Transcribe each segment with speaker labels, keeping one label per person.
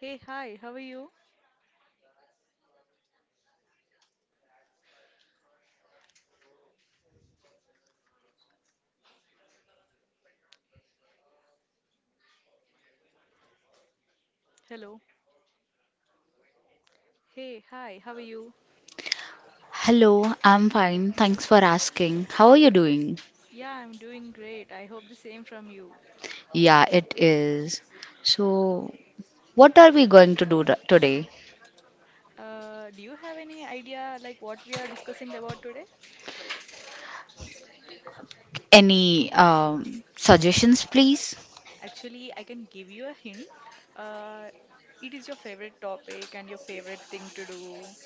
Speaker 1: Hey, hi, how are you? Hello. Hey, hi, how are you?
Speaker 2: Hello, I'm fine. Thanks for asking. How are you doing?
Speaker 1: Yeah, I'm doing great. I hope the same from you.
Speaker 2: Yeah, it is. So, what are we going to do today?
Speaker 1: Do you have any idea like what we are discussing about today?
Speaker 2: Any suggestions, please?
Speaker 1: Actually, I can give you a hint. Uh, it is your favorite topic and your favorite thing to do.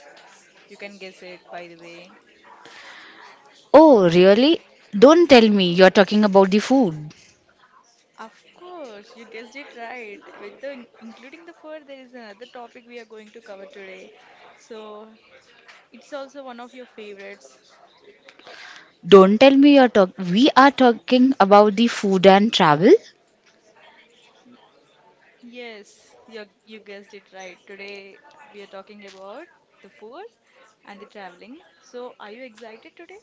Speaker 1: You can guess it, by the way.
Speaker 2: Oh, really? Don't tell me you're talking about the food.
Speaker 1: Of course, you guessed it right. With the including the food, there is another topic we are going to cover today. So, it's also one of your favorites.
Speaker 2: Don't tell me you're talk. We are talking about the food and travel.
Speaker 1: Yes, you guessed it right. Today we are talking about the food and the traveling. So, are you excited today?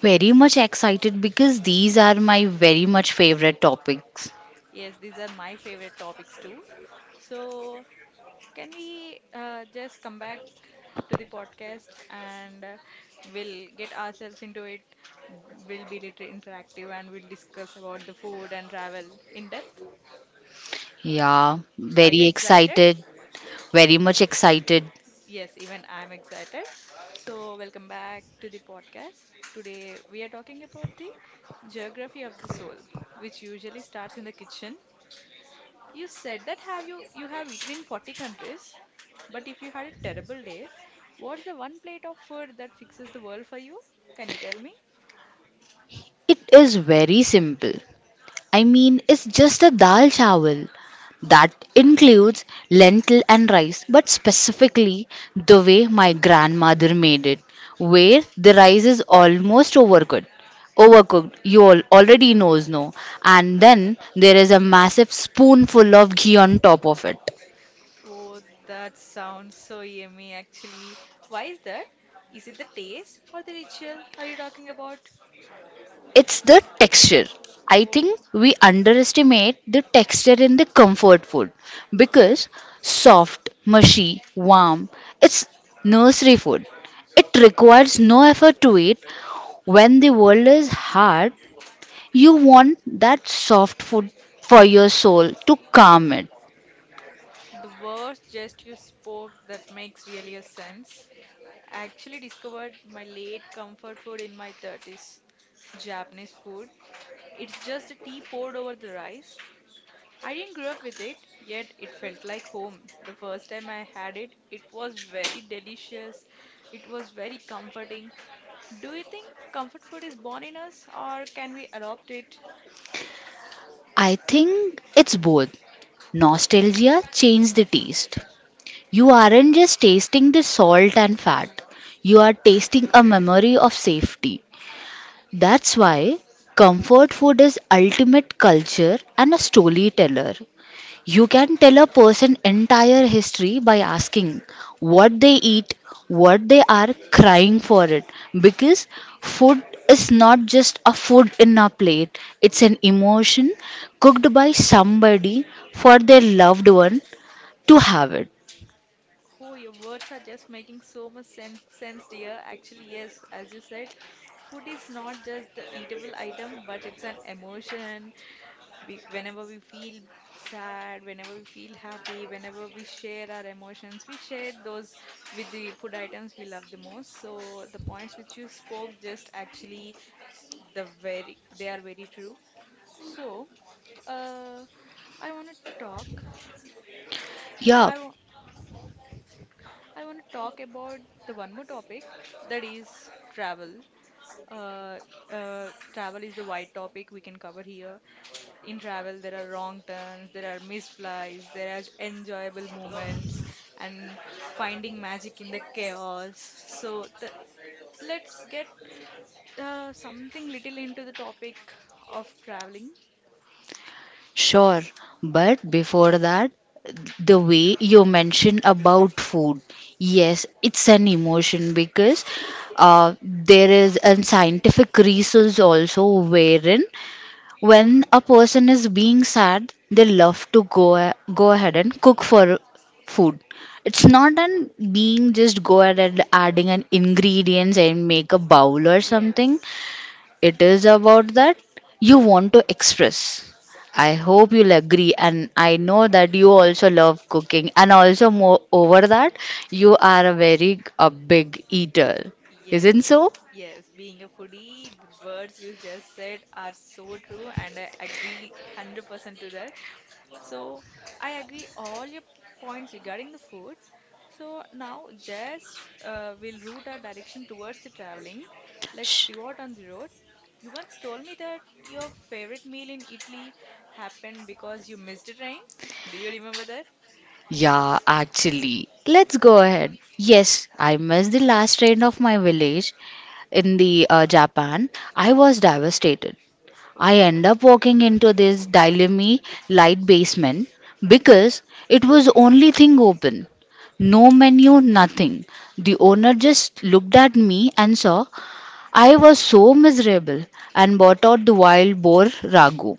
Speaker 2: Very much excited because these are my very much favorite topics.
Speaker 1: Yes, these are my favorite topics too. So, can we just come back to the podcast and we'll get ourselves into it. We'll be little interactive and we'll discuss about the food and travel in depth.
Speaker 2: Yeah,
Speaker 1: Are you
Speaker 2: very
Speaker 1: excited?
Speaker 2: excited. Very much excited.
Speaker 1: Yes, even I'm excited. So, welcome back to the podcast. Today, we are talking about the geography of the soul, which usually starts in the kitchen. You said that have you you have eaten in 40 countries, but if you had a terrible day, what's the one plate of food that fixes the world for you? Can you tell me?
Speaker 2: It is very simple. I mean, it's just a dal chawal that includes lentil and rice, but specifically the way my grandmother made it, where the rice is almost overcooked. Overcooked, you all already knows no, and then there is a massive spoonful of ghee on top of it.
Speaker 1: Oh, that sounds so yummy actually. Why is that? Is it the taste or the ritual are you talking about?
Speaker 2: It's the texture. I think
Speaker 1: Oh,
Speaker 2: we underestimate the texture in the comfort food because soft, mushy, warm, it's nursery food. It requires no effort to eat. When the world is hard, you want that soft food for your soul to calm it.
Speaker 1: the worst jest you spoke that makes really a sense. I actually discovered my late comfort food in my 30s. Japanese food. It's just a tea poured over the rice. I didn't grow up with it, yet it felt like home. The first time I had it, it was very delicious. It was very comforting. Do you think comfort food is born in us or can we adopt it?
Speaker 2: I think it's both. Nostalgia changed the taste. You aren't just tasting the salt and fat, you are tasting a memory of safety. That's why comfort food is ultimate culture and a storyteller. You can tell a person entire history by asking what they eat, what they are crying for it because food is not just a food in a plate, it's an emotion cooked by somebody for their loved one to have it.
Speaker 1: Oh, your words are just making so much sense, sense, dear. Actually, yes, as you said, food is not just the eatable item, but it's an emotion. We, whenever we feel sad, whenever we feel happy, whenever we share our emotions, we share those with the food items we love the most. So the points which you spoke just actually the very they are very true. So, uh, I want to talk.
Speaker 2: Yeah,
Speaker 1: I wa- I want to talk about the one more topic that is travel. Uh, travel is the wide topic we can cover here. In travel, there are wrong turns, there are missed flights, there are enjoyable moments, and finding magic in the chaos. So, let's get something little into the topic of traveling.
Speaker 2: sure, but before that, the way you mentioned about food, yes, it's an emotion because there is a scientific research also wherein when a person is being sad, they love to go ahead and cook for food. It's not an being just go ahead and adding an ingredients and make a bowl or something.
Speaker 1: Yes.
Speaker 2: It is about that you want to express. I hope you'll agree, and I know that you also love cooking, and also more over that, you are a very a big eater, isn't
Speaker 1: Yes,
Speaker 2: so?
Speaker 1: yes, being a foodie, the words you just said are so true, and I agree 100% to that. So I agree all your points regarding the food. So now just we'll route our direction towards the traveling. Let's
Speaker 2: Sh-
Speaker 1: pivot on the road. You once told me that your favorite meal in Italy happened because you missed a train. Do you remember that?
Speaker 2: Yeah, actually, let's go ahead. Yes, I missed the last train of my village in the Japan. I was devastated. I
Speaker 1: Oh.
Speaker 2: end up walking into this dilemma light basement because it was only thing open. No menu, nothing. The owner just looked at me and saw I was so miserable and bought out the wild boar ragu.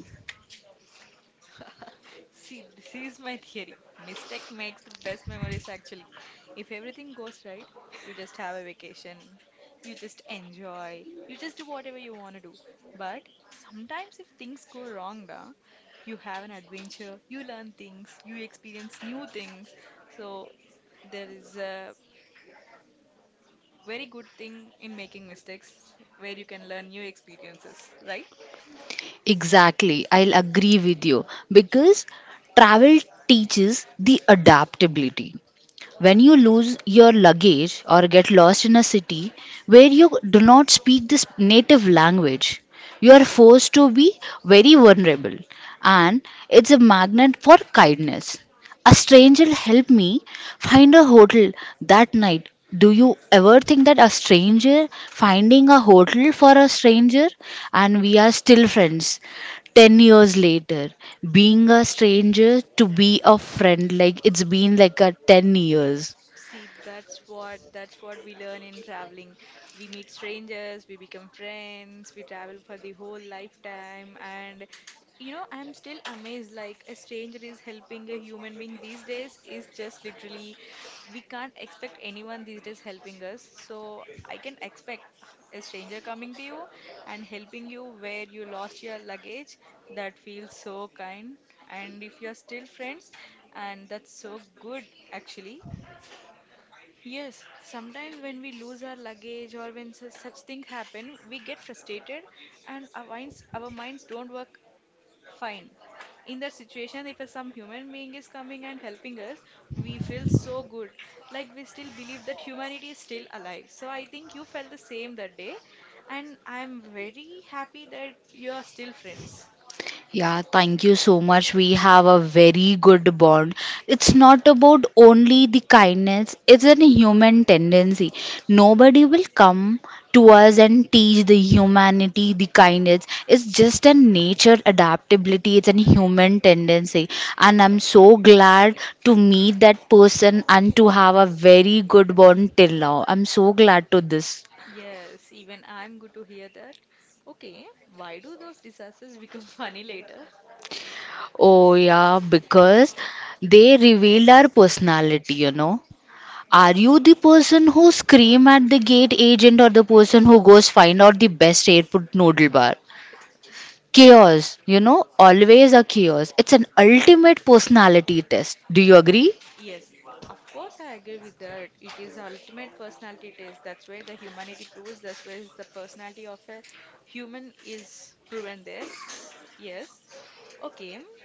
Speaker 1: See, this is my theory. Mistake makes the best memories actually. If everything goes right, you just have a vacation, you just enjoy, you just do whatever you want to do. But sometimes if things go wrong, da, you have an adventure, you learn things, you experience new things. So there is a very good thing in making mistakes where you can learn new experiences, right?
Speaker 2: Exactly, I'll agree with you because travel teaches the adaptability. When you lose your luggage or get lost in a city where you do not speak this native language, you are forced to be very vulnerable, and it's a magnet for kindness. A stranger helped me find a hotel that night. Do you ever think that a stranger finding a hotel for a stranger and we are still friends 10 years later? Being a stranger to be a friend, like it's been like a 10 years.
Speaker 1: See, that's what we learn in traveling. We meet strangers, we become friends, we travel for the whole lifetime, and you know, I'm still amazed. Like a stranger is helping a human being these days is just literally, we can't expect anyone these days helping us. So I can expect a stranger coming to you and helping you where you lost your luggage. That feels so kind. And if you're still friends, and that's so good actually. Yes, sometimes when we lose our luggage or when such things happen, we get frustrated and our minds don't work fine. In that situation, if some human being is coming and helping us, we feel so good. Like we still believe that humanity is still alive. So I think you felt the same that day, and I'm very happy that you are still friends.
Speaker 2: Yeah, thank you so much. We have a very good bond. It's not about only the kindness, it's a human tendency. Nobody will come to us and teach the humanity, the kindness. It's just a nature adaptability, it's a human tendency. And I'm so glad to meet that person and to have a very good bond till now. I'm so glad to this.
Speaker 1: Yes, even I'm good to hear that. Okay, why do those disasters become funny later?
Speaker 2: Oh, yeah, because they reveal our personality, you know. Are
Speaker 1: Yes.
Speaker 2: you the person who scream at the gate agent or the person who goes find out the best airport noodle bar? Chaos, you know, always a chaos. It's an ultimate personality test. Do you agree?
Speaker 1: Yes, of course, I agree with that. It is ultimate personality test. That's where the humanity proves. That's where is the personality of a human is proven there. Yes. Okay.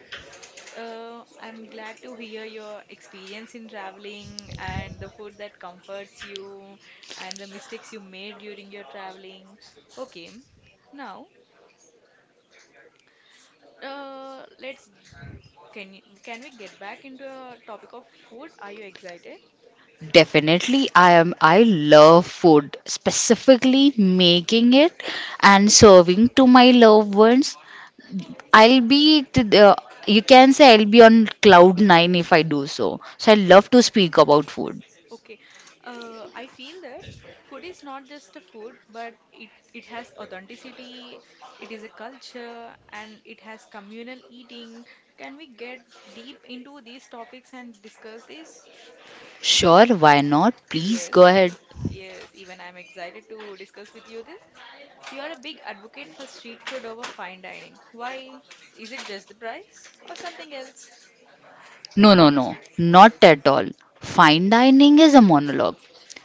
Speaker 1: I'm glad to hear your experience in traveling and the food that comforts you and the mistakes you made during your traveling. Okay. Now, let's can we get back into a topic of food? Are you excited?
Speaker 2: Definitely, I am. I love food, specifically making it and serving to my loved ones. I'll be to the, you can say I'll be on cloud nine if I do so. So I love to speak about food.
Speaker 1: Okay. I feel that food is not just a food, but it has authenticity, it is a culture, and it has communal eating. Can we get deep into these topics and discuss this?
Speaker 2: Sure, why not? Please
Speaker 1: Yes,
Speaker 2: go ahead.
Speaker 1: yes, even I'm excited to discuss with you this. You are a big advocate for street food over fine dining. Why? Is it just the price or something else?
Speaker 2: No, no, no, not at all. Fine dining is a monologue.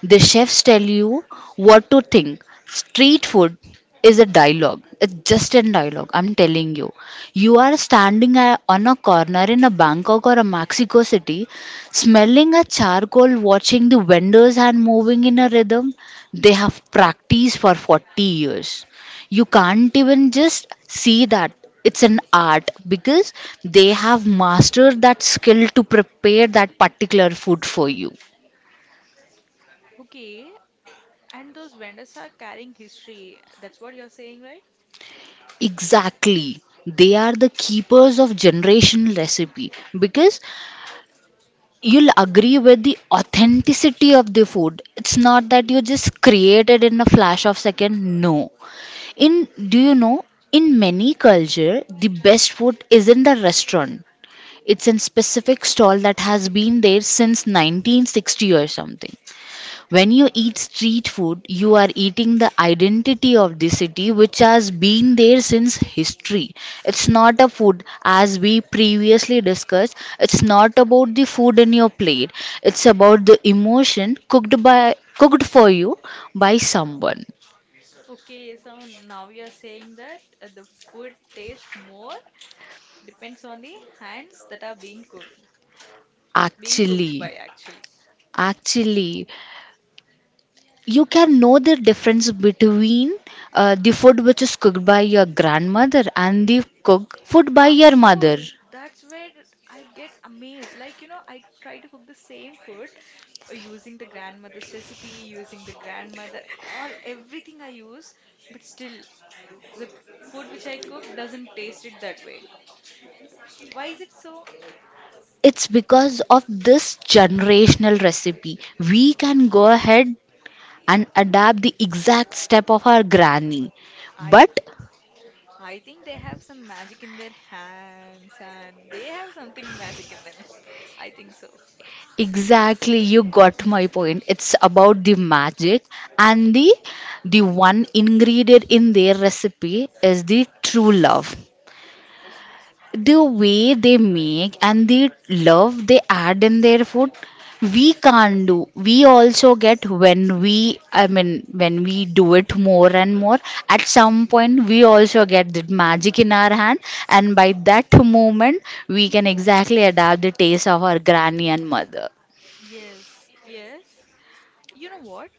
Speaker 2: The chefs tell you what to think. Street food is a dialogue. It's just a dialogue. I'm telling you. You are standing on a corner in a Bangkok or a Mexico city, smelling a charcoal, watching the vendors hand moving in a rhythm they have practiced for 40 years. You can't even just see that it's an art because they have mastered that skill to prepare that particular food for you.
Speaker 1: Okay, and those vendors are carrying history. That's what you're saying, right?
Speaker 2: Exactly, they are the keepers of generation recipe because you'll agree with the authenticity of the food. It's not that you just created in a flash of second, no. In, do you know, in many culture the best food is in the restaurant. It's a specific stall that has been there since 1960 or something. When you eat street food, you are eating the identity of the city which has been there since history. It's not a food as we previously discussed. It's not about the food in your plate. It's about the emotion cooked for you by someone.
Speaker 1: Okay, so now you are saying that the food tastes more depends on the hands that are being cooked
Speaker 2: Actually,
Speaker 1: by actually.
Speaker 2: actually you can know the difference between the food which is cooked by your grandmother and the cooked food by
Speaker 1: Of
Speaker 2: your mother.
Speaker 1: course, that's where I get amazed. Like, you know, I try to cook the same food using the grandmother's recipe, using the grandmother, all everything I use, but still the food which I cook doesn't taste it that way. Why is it so?
Speaker 2: It's because of this generational recipe. We can go
Speaker 1: Okay.
Speaker 2: ahead and adapt the exact step of our granny,
Speaker 1: I
Speaker 2: but
Speaker 1: I think they have some magic in their hands and they have something magic in them. I think so.
Speaker 2: exactly you got my point. It's about the magic, and the one ingredient in their recipe is the true love, the way they make and the love they add in their food. We can't do, we also get
Speaker 1: Yes.
Speaker 2: when we, I mean when we do it more and more, at some point we also get that magic in our hand, and by that moment we can exactly adapt the taste of our granny and mother.
Speaker 1: Yes, yes. You know what?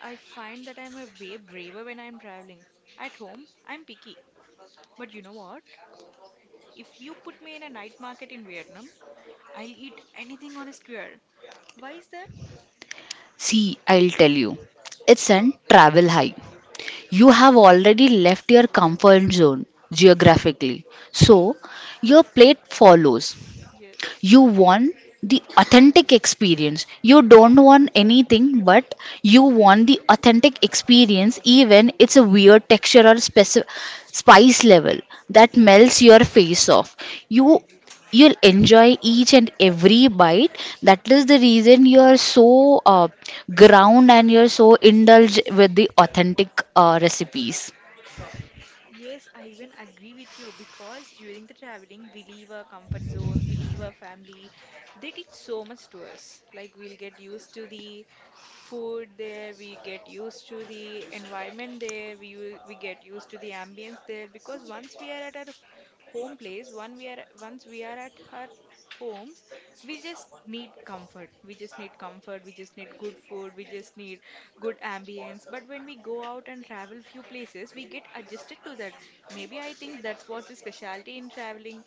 Speaker 1: I find that I'm a way braver when I'm traveling. At home, I'm picky. But you know what? If you put me in a night market in Vietnam, I'll eat anything on a square. Why is that?
Speaker 2: See, I'll tell you, it's an travel high. You have already left your comfort zone geographically, so your plate follows.
Speaker 1: Yes.
Speaker 2: You want the authentic experience, you don't want anything, but you want the authentic experience even it's a weird texture or specific spice level that melts your face off. You you'll enjoy each and every bite. That is the reason you're so ground and you're so indulged with the authentic recipes.
Speaker 1: Yes, I even agree with you because during the traveling, we leave our comfort zones, we leave our family. They teach so much to us. Like, we'll get used to the food there, we get used to the environment there, we get used to the ambience there. Because once we are at our home place, once we are at her homes we just need comfort, we just need good food, we just need good ambience, but when we go out and travel few places we get adjusted to that. Maybe I think that's what the specialty in traveling,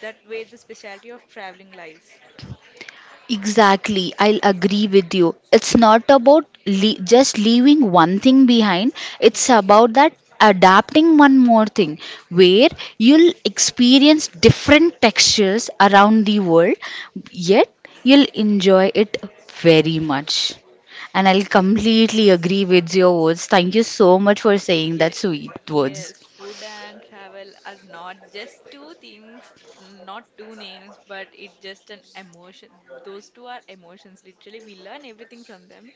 Speaker 1: that way the specialty of traveling lies.
Speaker 2: Exactly, I'll agree with you. It's not about just leaving one thing behind, it's
Speaker 1: Yes.
Speaker 2: about that adapting one more thing where you'll experience different textures around the world, yet you'll enjoy it very much. And I'll completely agree with your words. Thank you so much for saying that
Speaker 1: Yes,
Speaker 2: sweet words.
Speaker 1: yes, food and travel are not just two things, not two names, but it's just an emotion. Those two are emotions. Literally, we learn everything from them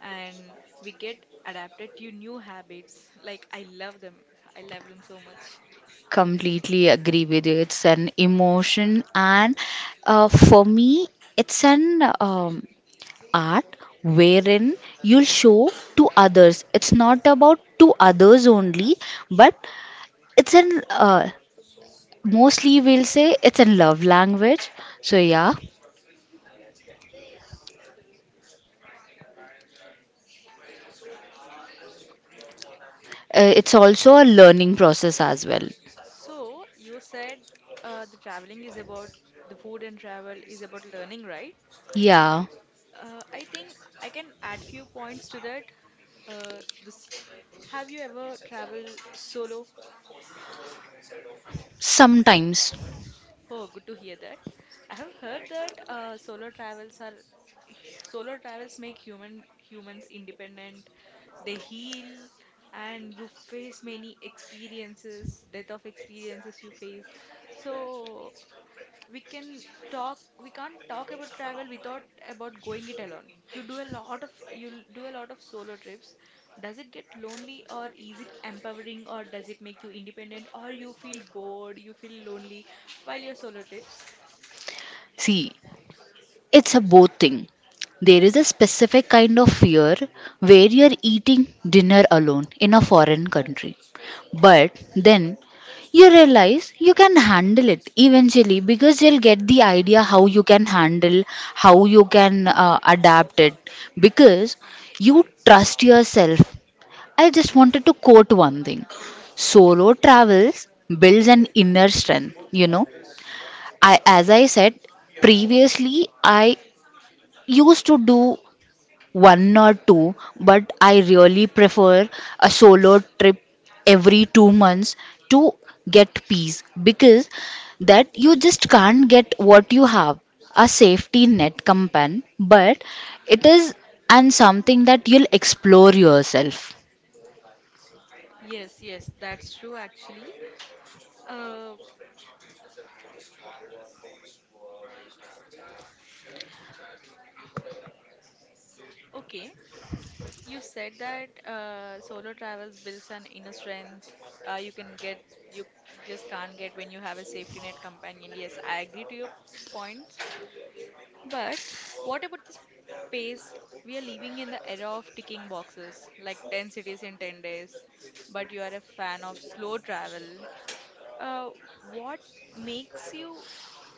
Speaker 1: and we get adapted to new habits. Like, I love them. I love them so much.
Speaker 2: Completely agree with you. It's an emotion, and for me, it's an art wherein you'll show to others. It's not about to others only, but it's an mostly we'll say it's a love language. So yeah, it's also a learning process as well.
Speaker 1: So, you said the traveling is about the food and travel is about learning, right?
Speaker 2: Yeah,
Speaker 1: I think I can add few points to that. Uh, this, have you ever traveled solo?
Speaker 2: sometimes.
Speaker 1: Oh, good to hear that. I have heard that solo travels make humans independent. They heal, and you face many experiences, death of experiences you face. So we can talk we can't talk about travel without about going it alone. You do a lot of you do a lot of solo trips. Does it get lonely or is it empowering or does it make you independent, or you feel bored, you feel lonely while you're solo trips?
Speaker 2: See, it's a both thing. There is a specific kind of fear where you're eating dinner alone in a foreign country. But then you realize you can handle it eventually because you'll get the idea how you can handle, how you can adapt it because you trust yourself. I just wanted to quote one thing, solo travels builds an inner strength, you know. I, as I said previously, I used to do one or two, but I really prefer a solo trip every 2 months to get peace because that you just can't get what you have a safety net companion, but it is and something that you'll explore yourself.
Speaker 1: Yes, yes, that's true actually. Uh, okay, you said that solo travels builds an inner strength. Uh, you can get, you just can't get when you have a safety net companion. Yes, I agree to your points. But what about the space? We are living in the era of ticking boxes, like 10 cities in 10 days, but you are a fan of slow travel. Uh, what makes you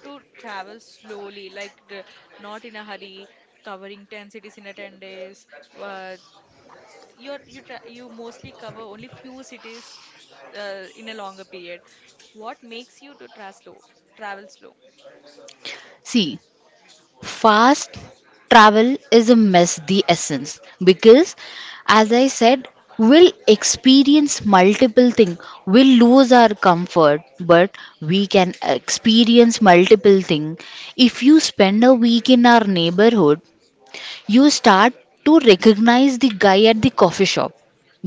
Speaker 1: to travel slowly, like not in a hurry, covering 10 cities in a 10 days? Uh, you tra you mostly cover only few cities in a longer period. What makes you to tra slow, travel slow?
Speaker 2: See, fast travel is a mess, the essence, because as I said, we'll experience multiple things. We'll lose our comfort, but we can experience multiple things. If you spend a week in our neighborhood, you start to recognize the guy at the coffee shop.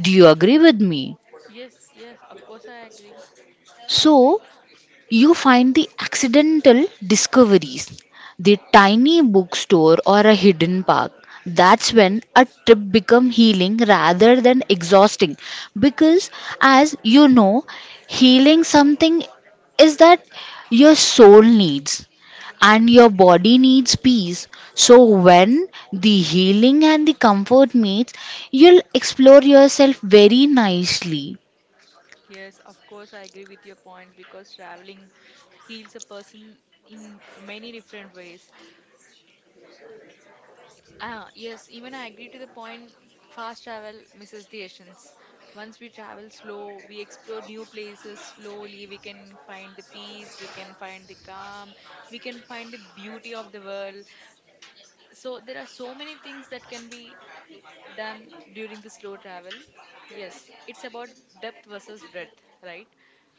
Speaker 2: Do you agree with me?
Speaker 1: Yes, yes, of course I agree.
Speaker 2: So, you find the accidental discoveries, the tiny bookstore or a hidden park. That's when a trip becomes healing rather than exhausting because, as you know, healing something is that your soul needs and your body needs peace. So, when the healing and the comfort meets, you'll explore yourself very nicely.
Speaker 1: Yes, of course, I agree with your points because traveling heals a person in many different ways. Ah, yes, even I agree to the point fast travel misses the essence. Once we travel slow, we explore new places slowly, we can find the peace, we can find the calm, we can find the beauty of the world. So there are so many things that can be done during the slow travel. Yes, it's about depth versus breadth, right?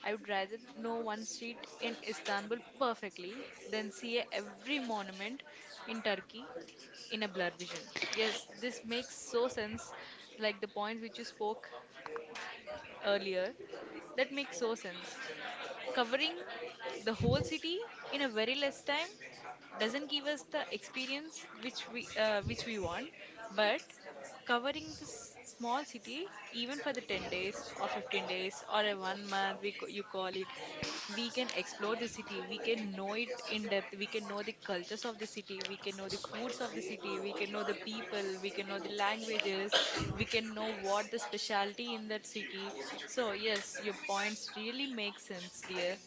Speaker 1: I would rather know one street in Istanbul perfectly than see every monument in Turkey in a blur vision. Yes, this makes so sense, like the points which you spoke earlier. That makes so sense. Covering the whole city in a very less time doesn't give us the experience which we want, but covering this small city even for the 10 days or 15 days or a one month you call it, we can explore the city, we can know it in depth, we can know the cultures of the city, we can know the foods of the city, we can know the people, we can know the languages, we can know what the specialty in that city. So yes, your points really make sense, dear.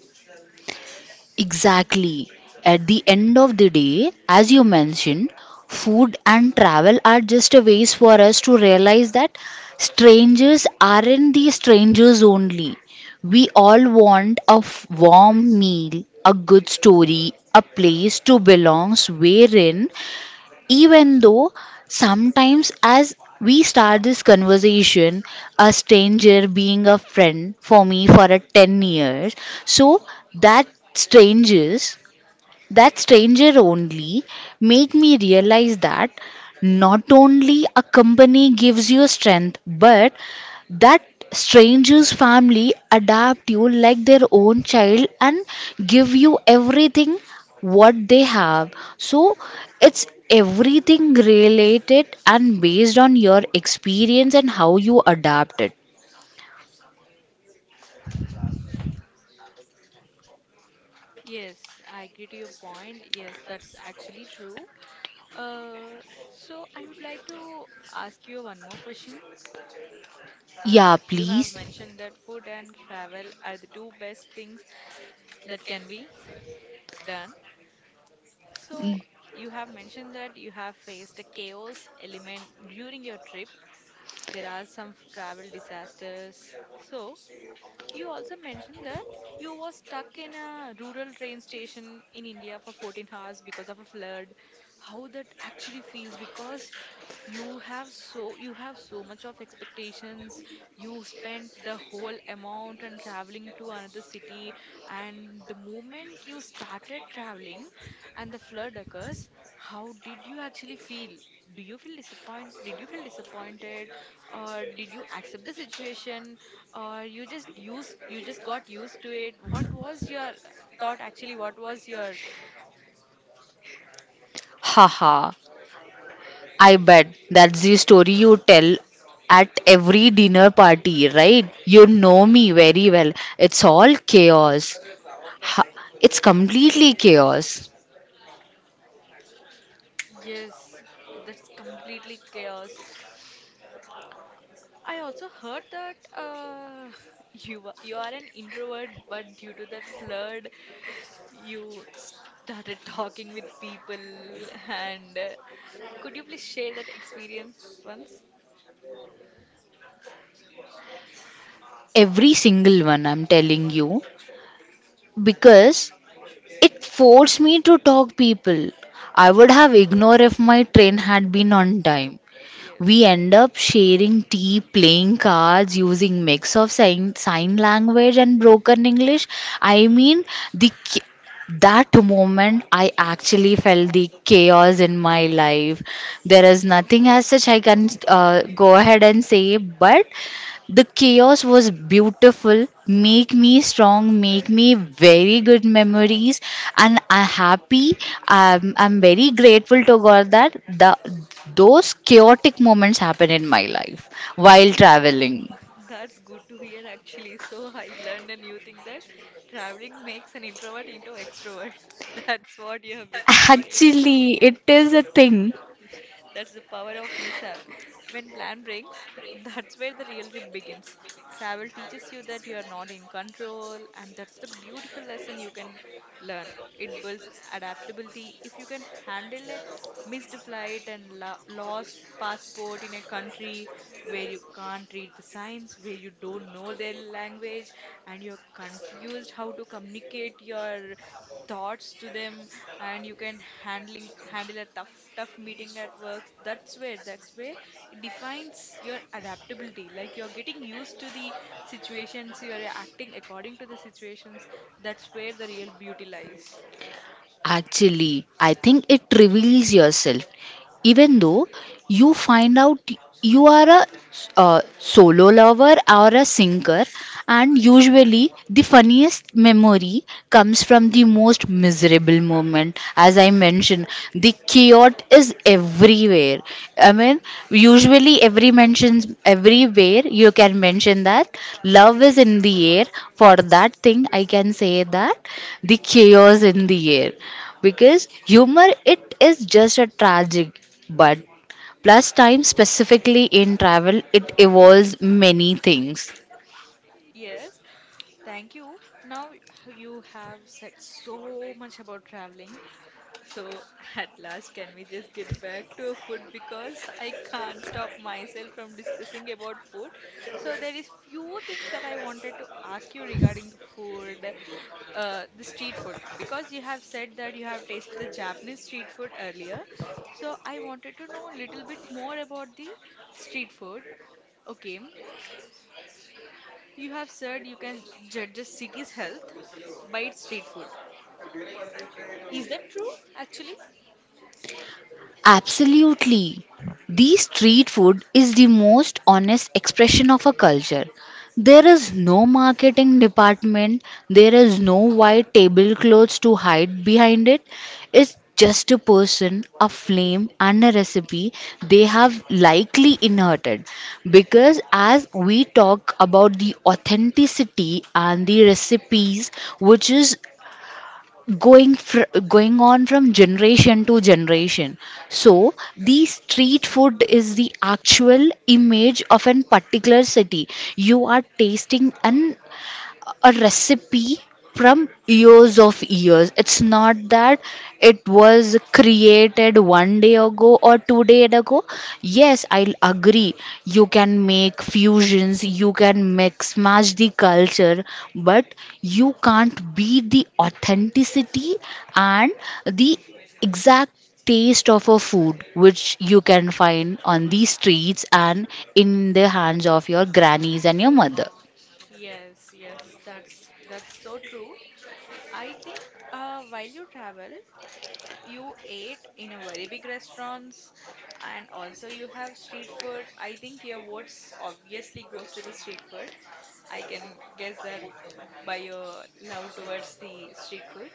Speaker 2: Exactly. At the end of the day, as you mentioned, food and travel are just a ways for us to realize that strangers aren't the strangers only. We all want a warm meal, a good story, a place to belong wherein even though sometimes, as we start this conversation, a stranger being a friend for me for a 10 years, so that strangers that stranger only made me realize that not only a company gives you strength, but that stranger's family adapt you like their own child and give you everything what they have. So it's everything related and based on your experience and how you adapt it.
Speaker 1: Yes, I agree to your point. Yes, that's actually true. Uh, so I would like to ask you one more question.
Speaker 2: Yeah,
Speaker 1: You have
Speaker 2: please.
Speaker 1: mentioned that food and travel are the two best things that can be done. So, you have mentioned that you have faced a chaos element during your trip. There are some travel disasters. So, you also mentioned that you were stuck in a rural train station in India for 14 hours because of a flood. How that actually feels because you have so much of expectations. You spent the whole amount and traveling to another city, and the moment you started traveling and the flood occurs, how did you actually feel? Do you feel disappoint Did you feel disappointed, or did you accept the situation, or you just got used to it? What was your thought actually? What was your...
Speaker 2: Haha, I bet that's the story you tell at every dinner party, right? You know me very well. It's all chaos. Ha- It's completely chaos.
Speaker 1: Yes, that's completely chaos. I also heard that you are an introvert, but due to that flood you started talking with people, and could you please share that experience once?
Speaker 2: Every single one, I'm telling you. Because it forced me to talk people. I would have ignored if my train had been on time.
Speaker 1: Yes.
Speaker 2: We end up sharing tea, playing cards, using mix of sign, sign language and broken English. I mean, the ch- that moment I actually felt the chaos in my life. There is nothing as such I can go ahead and say, but the chaos was beautiful, make me strong, make me very good memories, and I'm happy. I'm very grateful to God that those chaotic moments happen in my life while traveling.
Speaker 1: That's good to hear actually. So I learned a new thing that traveling makes an introvert into extrovert. That's what you have become
Speaker 2: Actually, it
Speaker 1: today.
Speaker 2: is a thing.
Speaker 1: That's the power of mishap. When plan breaks, that's where the real trip begins. Travel teaches you that you are not in control, and that's the beautiful lesson you can learn. It builds adaptability. If you can handle a missed flight and lost passport in a country where you can't read the signs, where you don't know their language, and you're confused how to communicate your thoughts to them, and you can handling handle a tough meeting at work, that's where it defines your adaptability, like you're getting used to the situations, you are acting according to the situations. That's where the real beauty lies.
Speaker 2: Actually, I think it reveals yourself. Even though you find out you are a solo lover or a singer, and usually the funniest memory comes from the most miserable moment. As I mentioned, the chaos is everywhere. I mean, usually every mentions everywhere, you can mention that love is in the air. For that thing, I can say that the chaos in the air, because humor, it is just a tragic. But plus time specifically in travel, it evolves many things.
Speaker 1: Yes, thank you. Now you have said so much about traveling. So, at last, can we just get back to a food because I can't stop myself from discussing about food. So, there is few things that I wanted to ask you regarding the food, the street food, because you have said that you have tasted the Japanese street food earlier. So, I wanted to know a little bit more about the street food. Okay, you have said you can judge a city's health by its street food. Is that true, actually?
Speaker 2: Absolutely. The street food is the most honest expression of a culture. There is no marketing department, there is no white tablecloths to hide behind it. It's just a person, a flame, and a recipe they have likely inherited. Because as we talk about the authenticity and the recipes, which is going on from generation to generation. So the street food is the actual image of an particular city. You are tasting an a recipe from years of years. It's not that it was created one day ago or 2 days ago. Yes, I'll agree. You can make fusions, you can mix match the culture, but you can't beat the authenticity and the exact taste of a food which you can find on the streets and in the hands of your grannies and your mother.
Speaker 1: Yes, yes, that's so true. I think while you travel, you ate in a very big restaurants, and also you have street food. I think your votes obviously goes to the street food. I can guess that by your love towards the street food.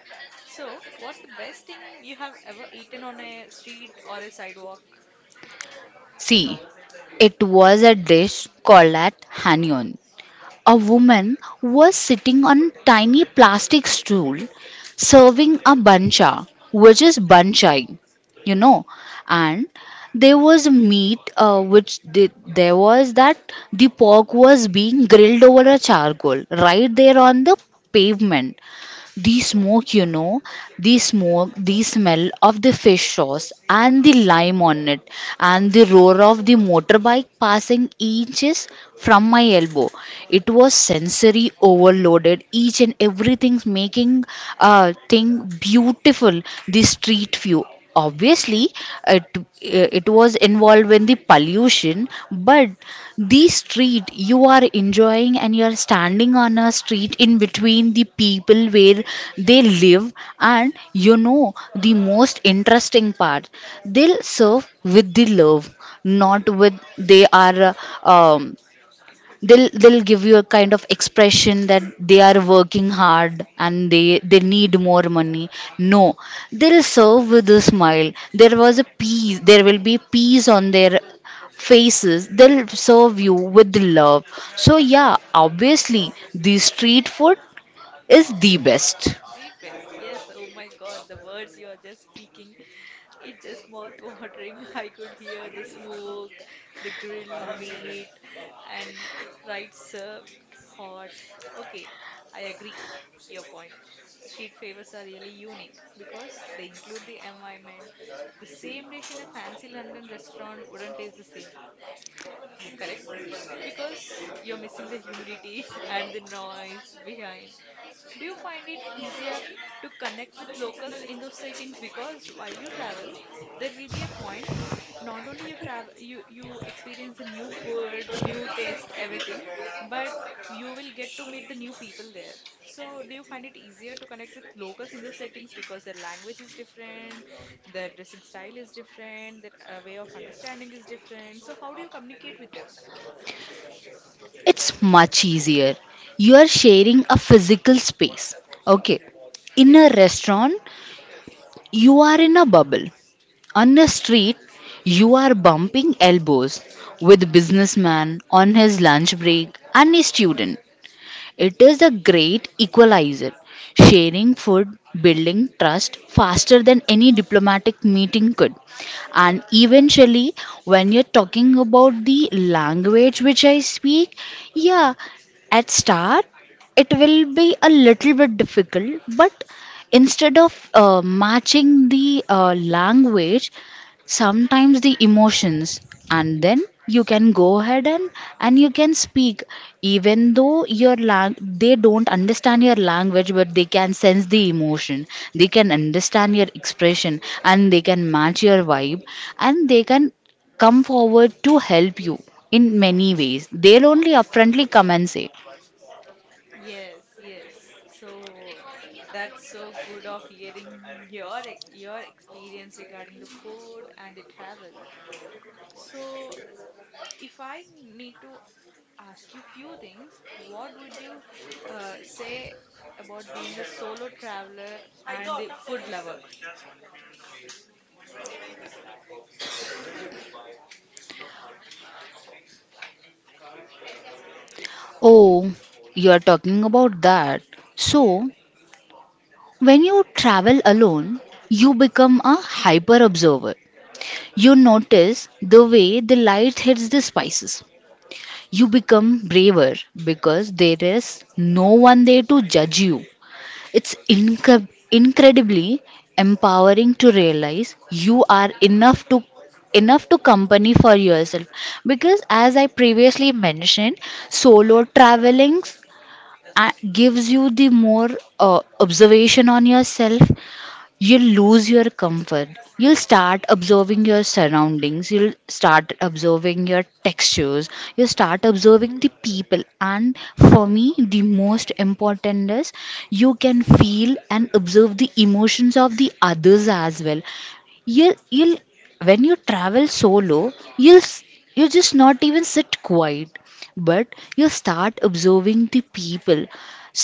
Speaker 1: So, what's the best thing you have ever eaten on a street or a sidewalk?
Speaker 2: See, it was a dish called at Hanyon. A woman was sitting on a tiny plastic stool serving a bancha, which
Speaker 1: Oh.
Speaker 2: is banchai, you know. And there was meat, which did, there was that the pork was being grilled over a charcoal right there on the pavement. The smoke, you know, the smoke, the smell of the fish sauce and the lime on it, and the roar of the motorbike passing inches from my elbow. It was sensory overloaded, each and everything making a thing beautiful. The street view, obviously, it it was involved in the pollution, but the street you are enjoying, and you are standing on a street in between the people where they live. And you know the most interesting part, they'll serve with the love, not with they are, um, they'll, give you a kind of expression that they are working hard and they need more money. No, they'll serve with a smile. There was a peace, there will be peace on their faces, they'll serve you with love. So yeah, obviously the street food is the best.
Speaker 1: The best, yes. Oh my God, the words you are just speaking, it's just mouth-watering. I could hear the smoke, the grilled meat, and right served hot. Okay, I agree. Your point. Street favors are really unique because they include the environment. The same dish in a fancy London restaurant wouldn't taste the same, correct? Because you're missing the humidity and the noise behind. Do you find it easier to connect with locals in those settings? Because while you travel, there will be a point, not only you travel, you experience the new food, new taste, everything, but you will get to meet the new people there. So, do you find it easier to connect with locals in those settings because their language is different, their dressing style is different, their way of understanding is different? So, how do you communicate with them?
Speaker 2: It's much easier, you are sharing a physical space, okay? In a
Speaker 1: Yes.
Speaker 2: restaurant you are in a bubble. On the street, you are bumping elbows with a businessman on his lunch break and a student. It is a great equalizer. Sharing food, building trust faster than any diplomatic meeting could. And eventually, when you're talking about the language which I speak, yeah, at start it will be a little bit difficult, but instead of matching the language, sometimes the emotions, and then you can go ahead and you can speak, even though your they don't understand your language, but they can sense the emotion, they can understand your expression, and they can match your vibe, and they can come forward to help you. In many ways they'll only upfrontly come and say,
Speaker 1: Yes, yes. So that's so good of hearing your your experience regarding the food and the travel. So if I need to ask you few things, what would you say about being a solo traveler and the food lover?
Speaker 2: oh, you are talking about that.
Speaker 1: Yeah.
Speaker 2: So when you travel alone, you become a hyper observer. You notice the way the light hits the spices. You become braver because there is no one there to judge you. It's incredibly empowering to realize you are enough to company for yourself. Because as I previously mentioned, solo traveling gives you the more observation on yourself. You'll lose your comfort. You'll start observing your surroundings, you'll start observing your textures, you'll start observing the people. And for me, the most important is you can feel and observe the emotions of the others as well. You'll, when you travel solo, you just not even sit quiet, but you start observing the people.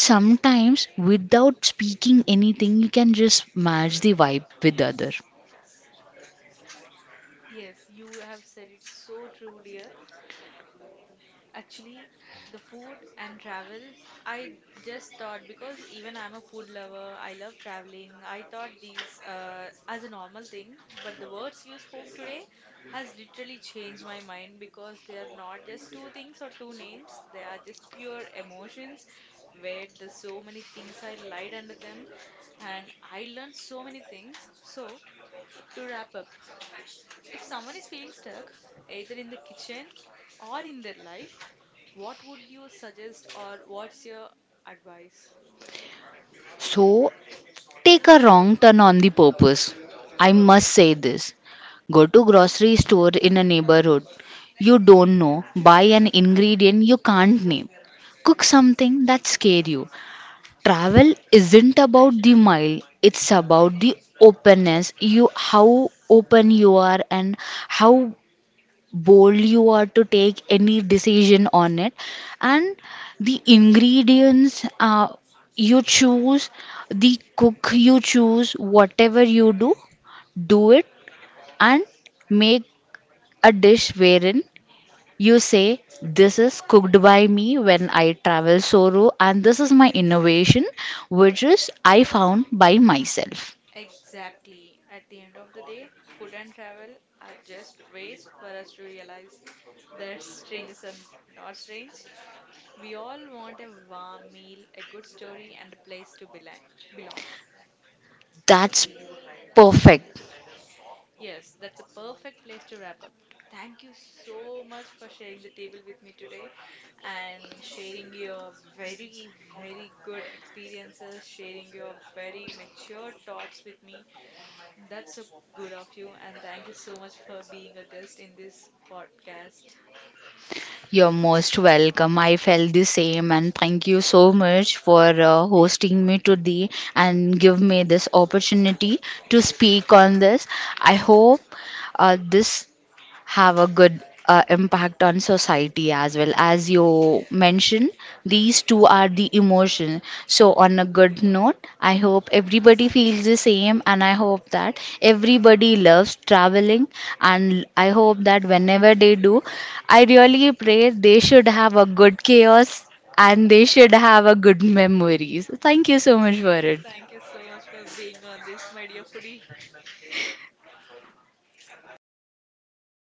Speaker 2: Sometimes without speaking anything, you can just match the vibe with other.
Speaker 1: Yes, yes. Yes, you have said it so true, dear. Actually, the food and travel, I just thought because even I'm a food lover, I love traveling. I thought these as a normal thing, but the words you spoke today has literally changed my mind because they are not just two things or two names. They are just pure emotions where there's so many things I lied under them, and I learned so many things. So to wrap up. If someone is feeling stuck, either in the kitchen or in their life, what would you suggest or what's your advice?
Speaker 2: So take a wrong turn on the purpose, I
Speaker 1: Okay.
Speaker 2: must say this. Go to grocery store in a neighborhood you don't know, buy an ingredient you can't name, cook something that scare you. Travel isn't about the mile, it's about the openness. You, how open you are and how bold you are to take any decision on it. And the ingredients, you choose, the cook you choose, whatever you do, do it and make a dish wherein you say, "This is cooked by me when I travel solo, and this is my innovation, which is I found by myself."
Speaker 1: Exactly. At the end of the day, food and travel are just ways for us to realize that strangers are not strange. We all want a warm meal, a good story, and a place to belong. Belong.
Speaker 2: That's perfect.
Speaker 1: Yes, that's a perfect place to wrap up. Thank you so much for sharing the table with me today and sharing your very, very good experiences, sharing your very mature thoughts with me. That's so good of you, and thank you so much for being a guest in this podcast.
Speaker 2: You're most welcome. I felt the same, and thank you so much for hosting me today and give me this opportunity to speak on this. I hope this have a good impact on society as
Speaker 1: Y-
Speaker 2: well.
Speaker 1: y-
Speaker 2: As you
Speaker 1: Yeah.
Speaker 2: mentioned, these two are the emotion. So, on a good note, I hope everybody feels the same, and I hope that everybody loves traveling. And I hope that whenever they do, I really pray they should have a good chaos and they should have a good memories. Thank you so much for
Speaker 1: Yes,
Speaker 2: it.
Speaker 1: thank you so much for being on this, my dear foodie.